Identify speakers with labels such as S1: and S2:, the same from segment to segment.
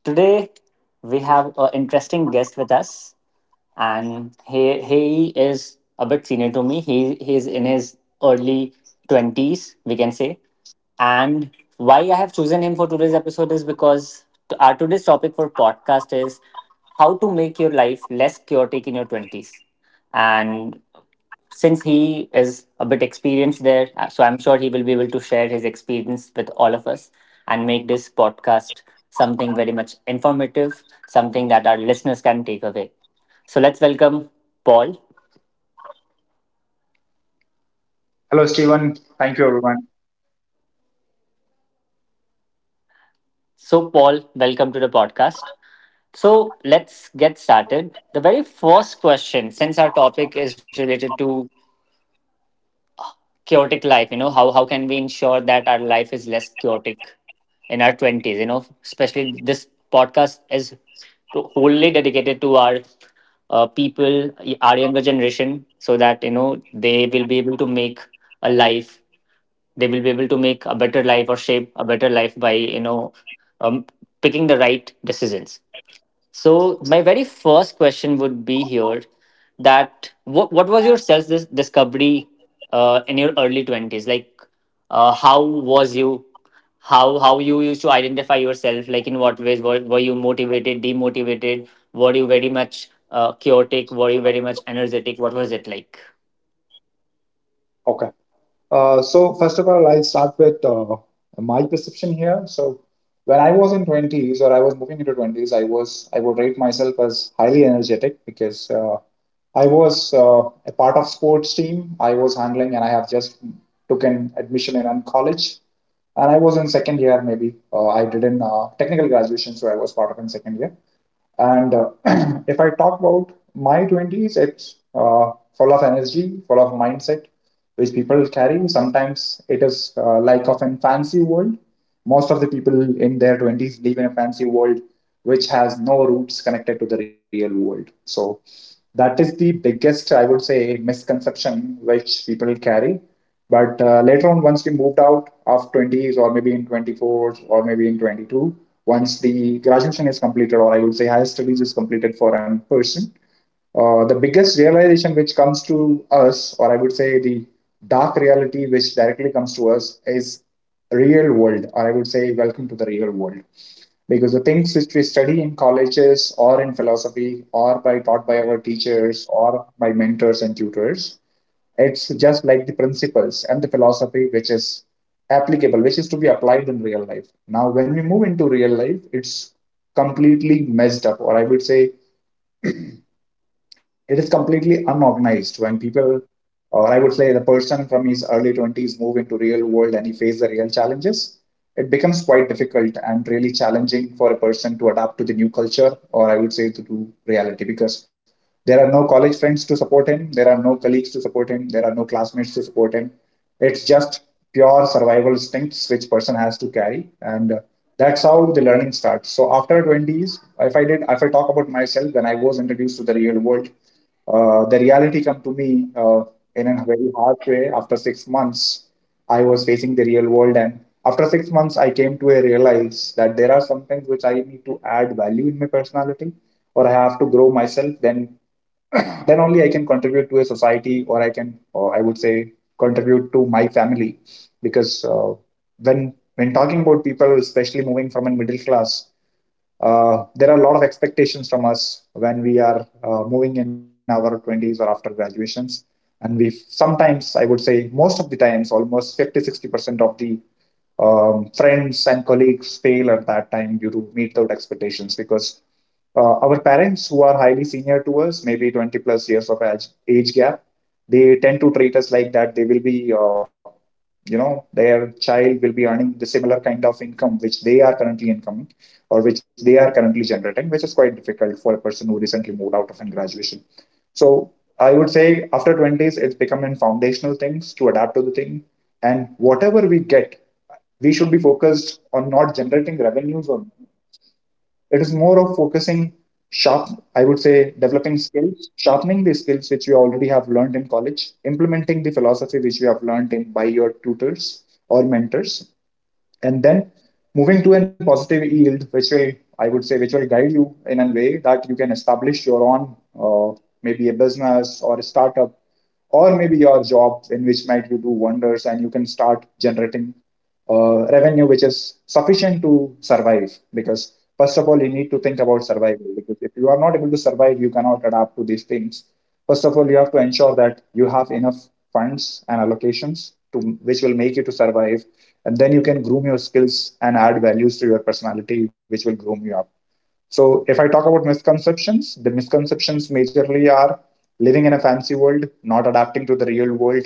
S1: Today, we have an interesting guest with us, and he is a bit senior to me. He's in his early 20s, we can say. And why I have chosen him for today's episode is because our today's topic for podcast is how to make your life less chaotic in your 20s. And since he is a bit experienced there, so I'm sure he will be able to share his experience with all of us and make this podcast something very much informative, something that our listeners can take away. So let's welcome Paul.
S2: Hello, Stephen. Thank you, everyone.
S1: So, Paul, welcome to the podcast. So, let's get started. The very first question, since our topic is related to chaotic life, how can we ensure that our life is less chaotic in our 20s? You know, especially this podcast is wholly dedicated to our people, our younger generation, so that, they will be able to make a life, they will be able to make a better life or shape a better life by, um, picking the right decisions. So my very first question would be here, that what was your self discovery in your early 20s? Like, how was you, how you used to identify yourself, like in what ways were you motivated, demotivated? Were you very much chaotic? Were you very much energetic? What was it like?
S2: Okay. So first of all, I'll start with my perception here. So when I was in twenties or I was moving into twenties, I would rate myself as highly energetic because I was a part of sports team. I was handling, and I have just took an admission in a college. And I was in second year, maybe. I did in technical graduation, so I was part of in second year. And if I talk about my 20s, it's full of energy, full of mindset, which people carry. Sometimes it is like of a fancy world. Most of the people in their 20s live in a fancy world which has no roots connected to the real world. So that is the biggest, I would say, misconception which people carry. But later on, once we moved out of 20s or maybe in 24s or maybe in 22, once the graduation is completed, or I would say higher studies is completed for a person, the biggest realization which comes to us, or I would say the dark reality which directly comes to us, is real world, or I would say welcome to the real world, because the things which we study in colleges or in philosophy or by taught by our teachers or by mentors and tutors, it's just like the principles and the philosophy which is applicable, which is to be applied in real life. Now when we move into real life, it's completely messed up, or I would say it is completely unorganized. When people, or I would say the person from his early 20s, move into real world and he face the real challenges. It becomes quite difficult and really challenging for a person to adapt to the new culture, or I would say to do reality, because there are no college friends to support him, there are no colleagues to support him, there are no classmates to support him. It's just pure survival instincts which person has to carry, and that's how the learning starts. So after 20s, if I talk about myself, when I was introduced to the real world, the reality come to me in a very hard way. After 6 months, I was facing the real world, and after 6 months, I came to a realize that there are some things which I need to add value in my personality, or I have to grow myself. Then only I can contribute to a society, or I can, or I would say, contribute to my family, because when talking about people, especially moving from a middle class, there are a lot of expectations from us when we are moving in our 20s or after graduations. And we sometimes, I would say most of the times, almost 50-60% of the friends and colleagues fail at that time due to meet those expectations. Because our parents, who are highly senior to us, maybe 20 plus years of age, age gap, they tend to treat us like that they will be their child will be earning the similar kind of income which they are currently incoming, or which they are currently generating, which is quite difficult for a person who recently moved out of an graduation. So I would say after 20s, it's becoming foundational things to adapt to the thing. And whatever we get, we should be focused on not generating revenues on It is more of focusing sharp, I would say developing skills, sharpening the skills which we already have learned in college, implementing the philosophy which we have learned in by your tutors or mentors, and then moving to a positive yield which will, I would say, which will guide you in a way that you can establish your own, uh, maybe a business or a startup, or maybe your job in which might you do wonders. And you can start generating revenue which is sufficient to survive. Because first of all, you need to think about survival. Because if you are not able to survive, you cannot adapt to these things. First of all, you have to ensure that you have enough funds and allocations to which will make you to survive. And then you can groom your skills and add values to your personality, which will groom you up. So, if I talk about misconceptions, the misconceptions majorly are living in a fancy world, not adapting to the real world,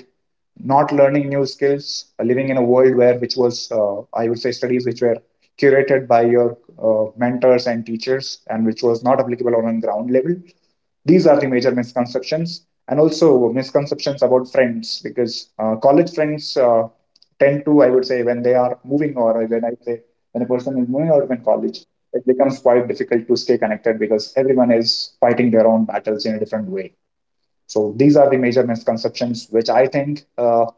S2: not learning new skills, living in a world where, which was, I would say, studies which were curated by your mentors and teachers, and which was not applicable on a ground level. These are the major misconceptions, and also misconceptions about friends, because college friends tend to, I would say, when they are moving, or when I say, when a person is moving out of college, it becomes quite difficult to stay connected, because everyone is fighting their own battles in a different way. So these are the major misconceptions which I think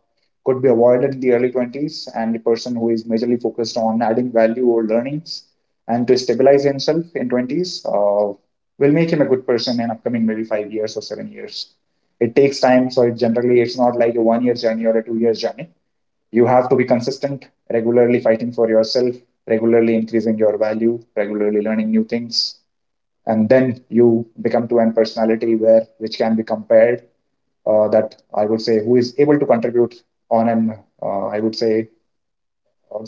S2: could be avoided in the early 20s. And the person who is majorly focused on adding value or learnings and to stabilize himself in 20s will make him a good person in upcoming maybe 5 years or 7 years. It takes time, so it generally it's not like a 1 year journey or a 2 years journey. You have to be consistent, regularly fighting for yourself, regularly increasing your value, regularly learning new things. And then you become to an personality where which can be compared. That I would say who is able to contribute on an I would say uh,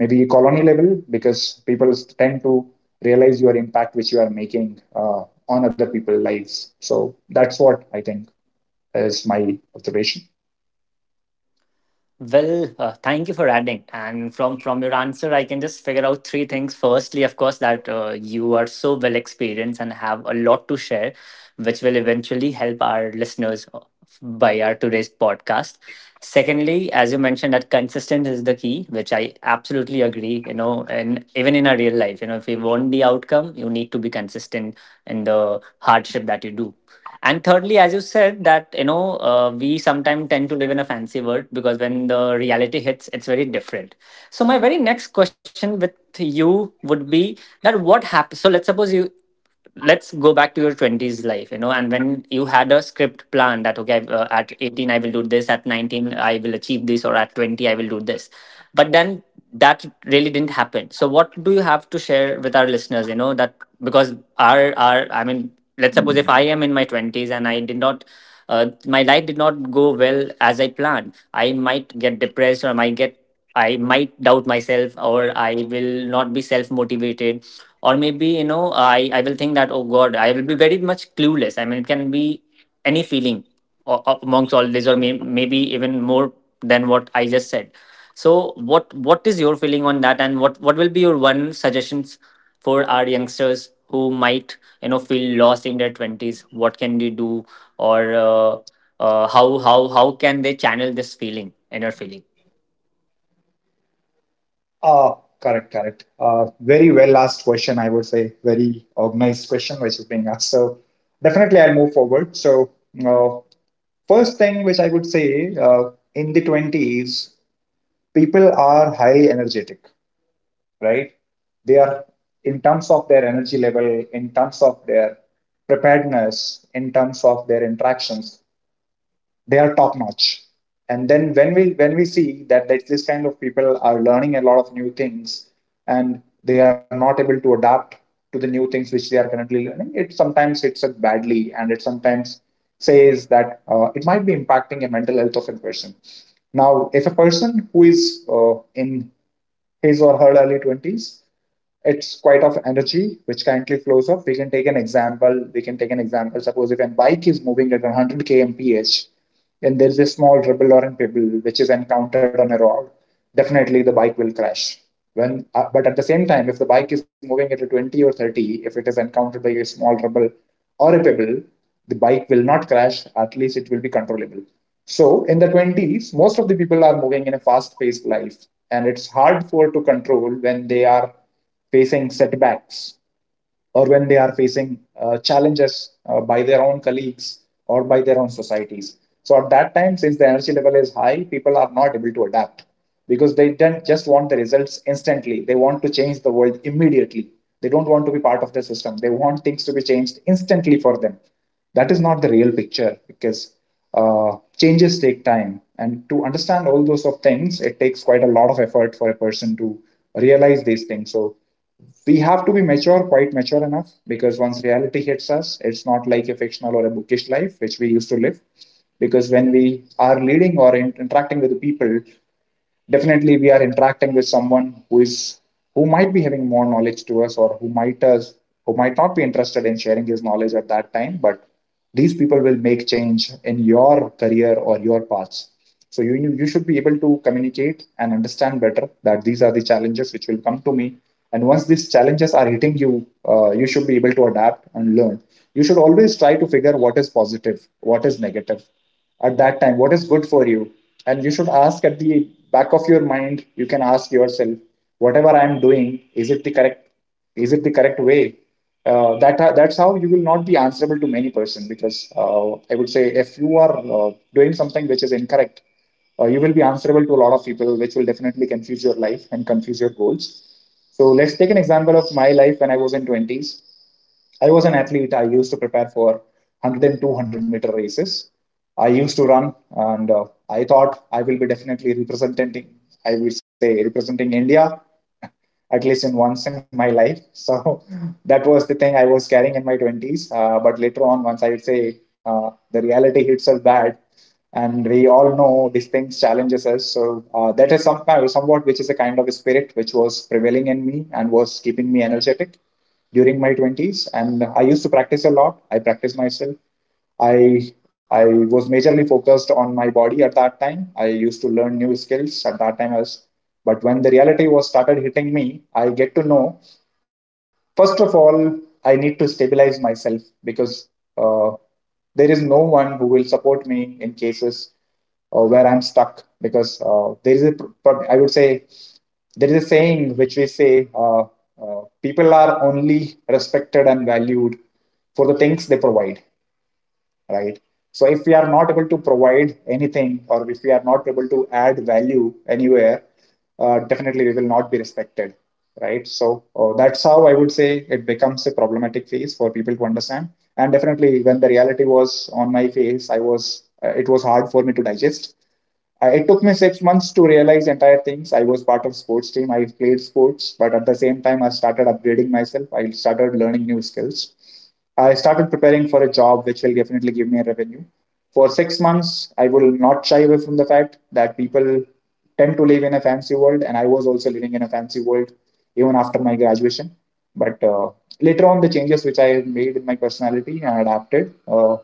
S2: maybe colony level, because people tend to realize your impact which you are making on other people's lives. So that's what I think is my observation.
S1: Well, thank you for adding. And from your answer, I can just figure out three things. Firstly, of course, that you are so well experienced and have a lot to share, which will eventually help our listeners by our today's podcast. Secondly, as you mentioned, that consistent is the key, which I absolutely agree. You know, and even in our real life, you know, if you want the outcome, you need to be consistent in the hardship that you do. And thirdly, as you said, that you know, we sometimes tend to live in a fancy world because when the reality hits, it's very different. So my very next question with you would be that what happens, so let's suppose you, let's go back to your 20s life, you know, and when you had a script plan that, okay, at 18 I will do this, at 19 I will achieve this, or at 20 I will do this, but then that really didn't happen. So what do you have to share with our listeners? You know, that because our I mean, let's suppose if I am in my 20s and I did not, my life did not go well as I planned, I might get depressed, or I might get, I might doubt myself, or I will not be self motivated, or maybe, you know, I will think that, oh god, I will be very much clueless. I mean, it can be any feeling amongst all this, or maybe even more than what I just said. So what is your feeling on that, and what will be your one suggestions for our youngsters who might, you know, feel lost in their 20s? What can they do, or how can they channel this feeling, inner feeling?
S2: Uh, Correct, correct. Very well asked question, I would say. Very organized question which is being asked. So definitely I'll move forward. So uh, first thing which I would say in the 20s, people are highly energetic, right? They are, in terms of their energy level, in terms of their preparedness, in terms of their interactions, they are top notch. And then when we see that this kind of people are learning a lot of new things, and they are not able to adapt to the new things which they are currently learning, it sometimes hits a badly. And it sometimes says that it might be impacting the mental health of a person. Now if a person who is in his or her early 20s, it's quite of energy which currently flows off. We can take an example, suppose if a bike is moving at 100 kmph, and there is a small rubble or a pebble which is encountered on a rock, definitely the bike will crash. When uh, but at the same time, if the bike is moving at a 20 or 30, if it is encountered by a small rubble or a pebble, the bike will not crash. At least it will be controllable. So in the 20s, most of the people are moving in a fast-paced life, and it's hard for to control when they are facing setbacks, or when they are facing challenges by their own colleagues or by their own societies. So at that time, since the energy level is high, people are not able to adapt, because they don't just want the results instantly. They want to change the world immediately. They don't want to be part of the system. They want things to be changed instantly for them. That is not the real picture, because uh, changes take time. And to understand all those of things, it takes quite a lot of effort for a person to realize these things. So we have to be mature, quite mature enough, because once reality hits us, it's not like a fictional or a bookish life which we used to live. Because when we are leading or interacting with the people, definitely we are interacting with someone who might be having more knowledge to us, or who might not be interested in sharing his knowledge at that time. But these people will make change in your career or your paths, so you should be able to communicate and understand better that these are the challenges which will come to me. And once these challenges are hitting you, you should be able to adapt and learn. You should always try to figure what is positive, what is negative at that time, what is good for you. And you should ask at the back of your mind, you can ask yourself, whatever I am doing, is it the correct is it the correct way? That's how you will not be answerable to many person, because I would say if you are doing something which is incorrect, you will be answerable to a lot of people, which will definitely confuse your life and confuse your goals. So let's take an example of my life. When I was in 20s, I was an athlete. I used to prepare for one hundred and two hundred meter races. I used to run, and I thought I will be definitely representing, I will say representing India at least in once in my life. So that was the thing I was carrying in my 20s. But later on, once I would say the reality hits us bad, and we all know these things challenges us. So that is somewhat which is a kind of a spirit which was prevailing in me and was keeping me energetic during my 20s. And I used to practice a lot. I practiced myself. I I was majorly focused on my body at that time. I used to learn new skills at that time as but when the reality was started hitting me, I get to know, first of all, I need to stabilize myself, because uh, there is no one who will support me in cases where I'm stuck. Because there is a pr- pr- I would say there is a saying which we say, people are only respected and valued for the things they provide, right? So if we are not able to provide anything, or if we are not able to add value anywhere, definitely we will not be respected, right? So that's how, I would say, it becomes a problematic phase for people to understand. And definitely, when the reality was on my face, I was it was hard for me to digest. It took me 6 months to realize entire things. I was part of sports team. I played sports, but at the same time, I started upgrading myself. I started learning new skills. I started preparing for a job which will definitely give me a revenue. For 6 months, I will not shy away from the fact that people tend to live in a fancy world, and I was also living in a fancy world even after my graduation. But later on, the changes which I have made in my personality and adapted,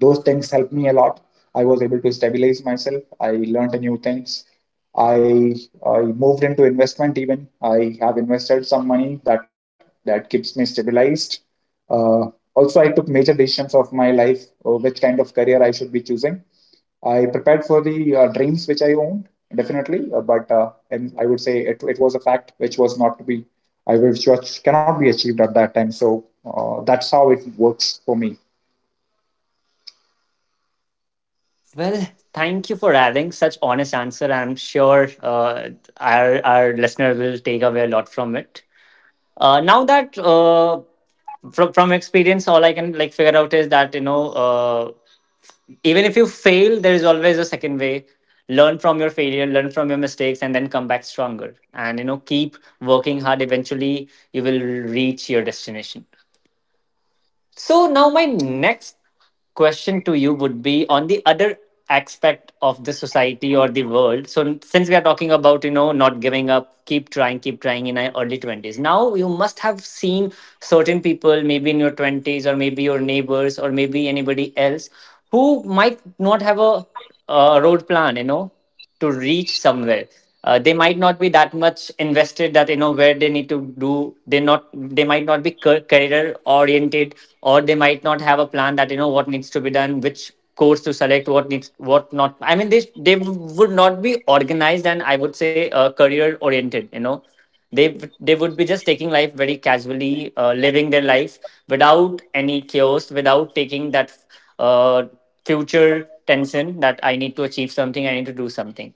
S2: those things helped me a lot. I was able to stabilize myself. I learned new things. I i moved into investment. Even I have invested some money, that keeps me stabilized. uh, Also I took major decisions of my life, which kind of career I should be choosing. I prepared for the dreams which I owned, definitely. But and I would say it was a fact which was, cannot be achieved at that time. So that's how it works for me.
S1: Well, thank you for having such honest answer. I'm sure our listener will take away a lot from it. Now that, from experience, all I can like figure out is that, you know, even if you fail, there is always a second way. Learn from your failure, learn from your mistakes, and then come back stronger, and you know, keep working hard, eventually you will reach your destination. So now my next question to you would be on the other aspect of the society or the world. So since we are talking about, you know, not giving up, keep trying in our early 20s. Now you must have seen certain people, maybe in your 20s or maybe your neighbors or maybe anybody else, who might not have a road plan, you know, to reach somewhere. They might not be that much invested, that you know where they need to do, they not, they might not be career oriented, or they might not have a plan, that you know what needs to be done, which course to select, what needs, what not. I mean, they would not be organized and I would say career oriented, you know, they they would be just taking life very casually, living their life without any chaos, without taking that uh, future tension that I need to achieve something, I need to do something.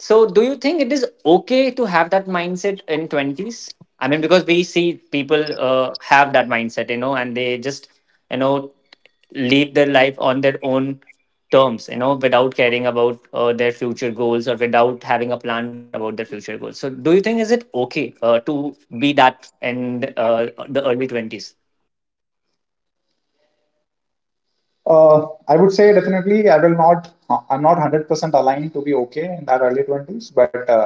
S1: So, do you think it is okay to have that mindset in 20s? I mean, because we see people have that mindset, you know, and they just, you know, live their life on their own terms, you know, without caring about their future goals or without having a plan about their future goals. So, do you think is it okay to be that in the early 20s?
S2: I would say definitely I'm not 100% aligned to be okay in that early 20s, but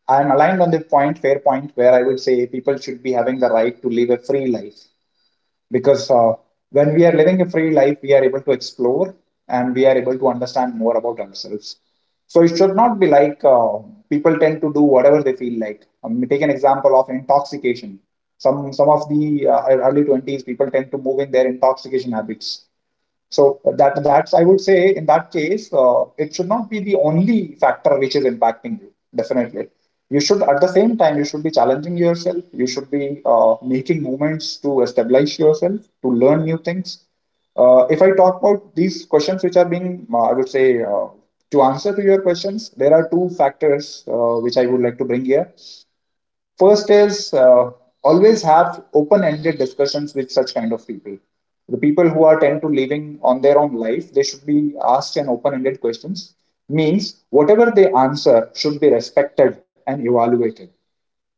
S2: I'm aligned on the point, fair point, where I would say people should be having the right to live a free life. Because when we are living a free life, we are able to explore, and we are able to understand more about ourselves. So it should not be like people tend to do whatever they feel like. Take an example of intoxication. Some of the early 20s people tend to move in their intoxication habits. So that's I would say, in that case, it should not be the only factor which is impacting you. Definitely, you should, at the same time, you should be challenging yourself. You should be making movements to establish yourself, to learn new things. If I talk about these questions which are being, I would say, to answer to your questions, there are two factors which I would like to bring here. First is always have open-ended discussions with such kind of people. The people who are tend to living on their own life, they should be asked an open-ended questions. Means whatever they answer should be respected and evaluated,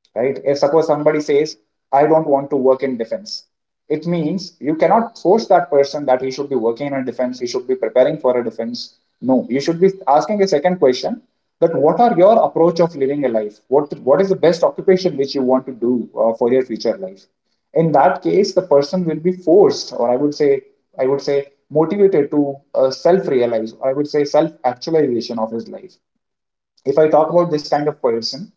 S2: right? If suppose somebody says, I don't want to work in defense, it means you cannot force that person that he should be working in a defense, he should be preparing for a defense. No, you should be asking a second question, that what are your approach of living a life? What is the best occupation which you want to do for your future life? In that case, the person will be forced, or I would say motivated to self-realize, or I would say self-actualization of his life. If I talk about this kind of person,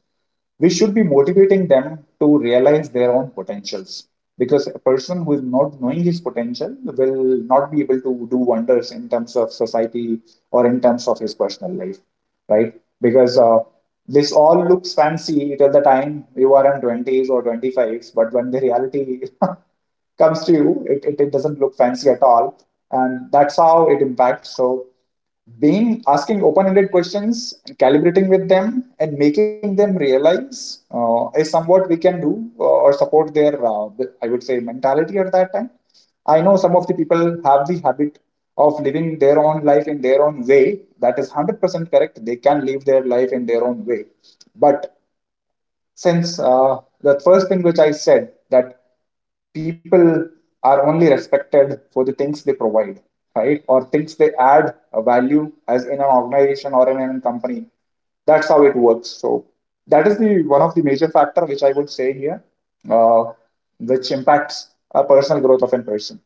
S2: we should be motivating them to realize their own potentials, because a person who is not knowing his potential will not be able to do wonders in terms of society or in terms of his personal life, right? Because this all looks fancy till the time you are in 20s or 25s. But when the reality comes to you, it doesn't look fancy at all, and that's how it impacts. So being asking open-ended questions, calibrating with them and making them realize is somewhat we can do, or support their I would say mentality at that time. I know some of the people have the habit of living their own life in their own way. That is 100% correct. They can live their life in their own way. But since the first thing which I said, that people are only respected for the things they provide, right, or things they add a value as in an organization or in a company. That's how it works. So that is the one of the major factor which I would say here, uh, which impacts a personal growth of a person.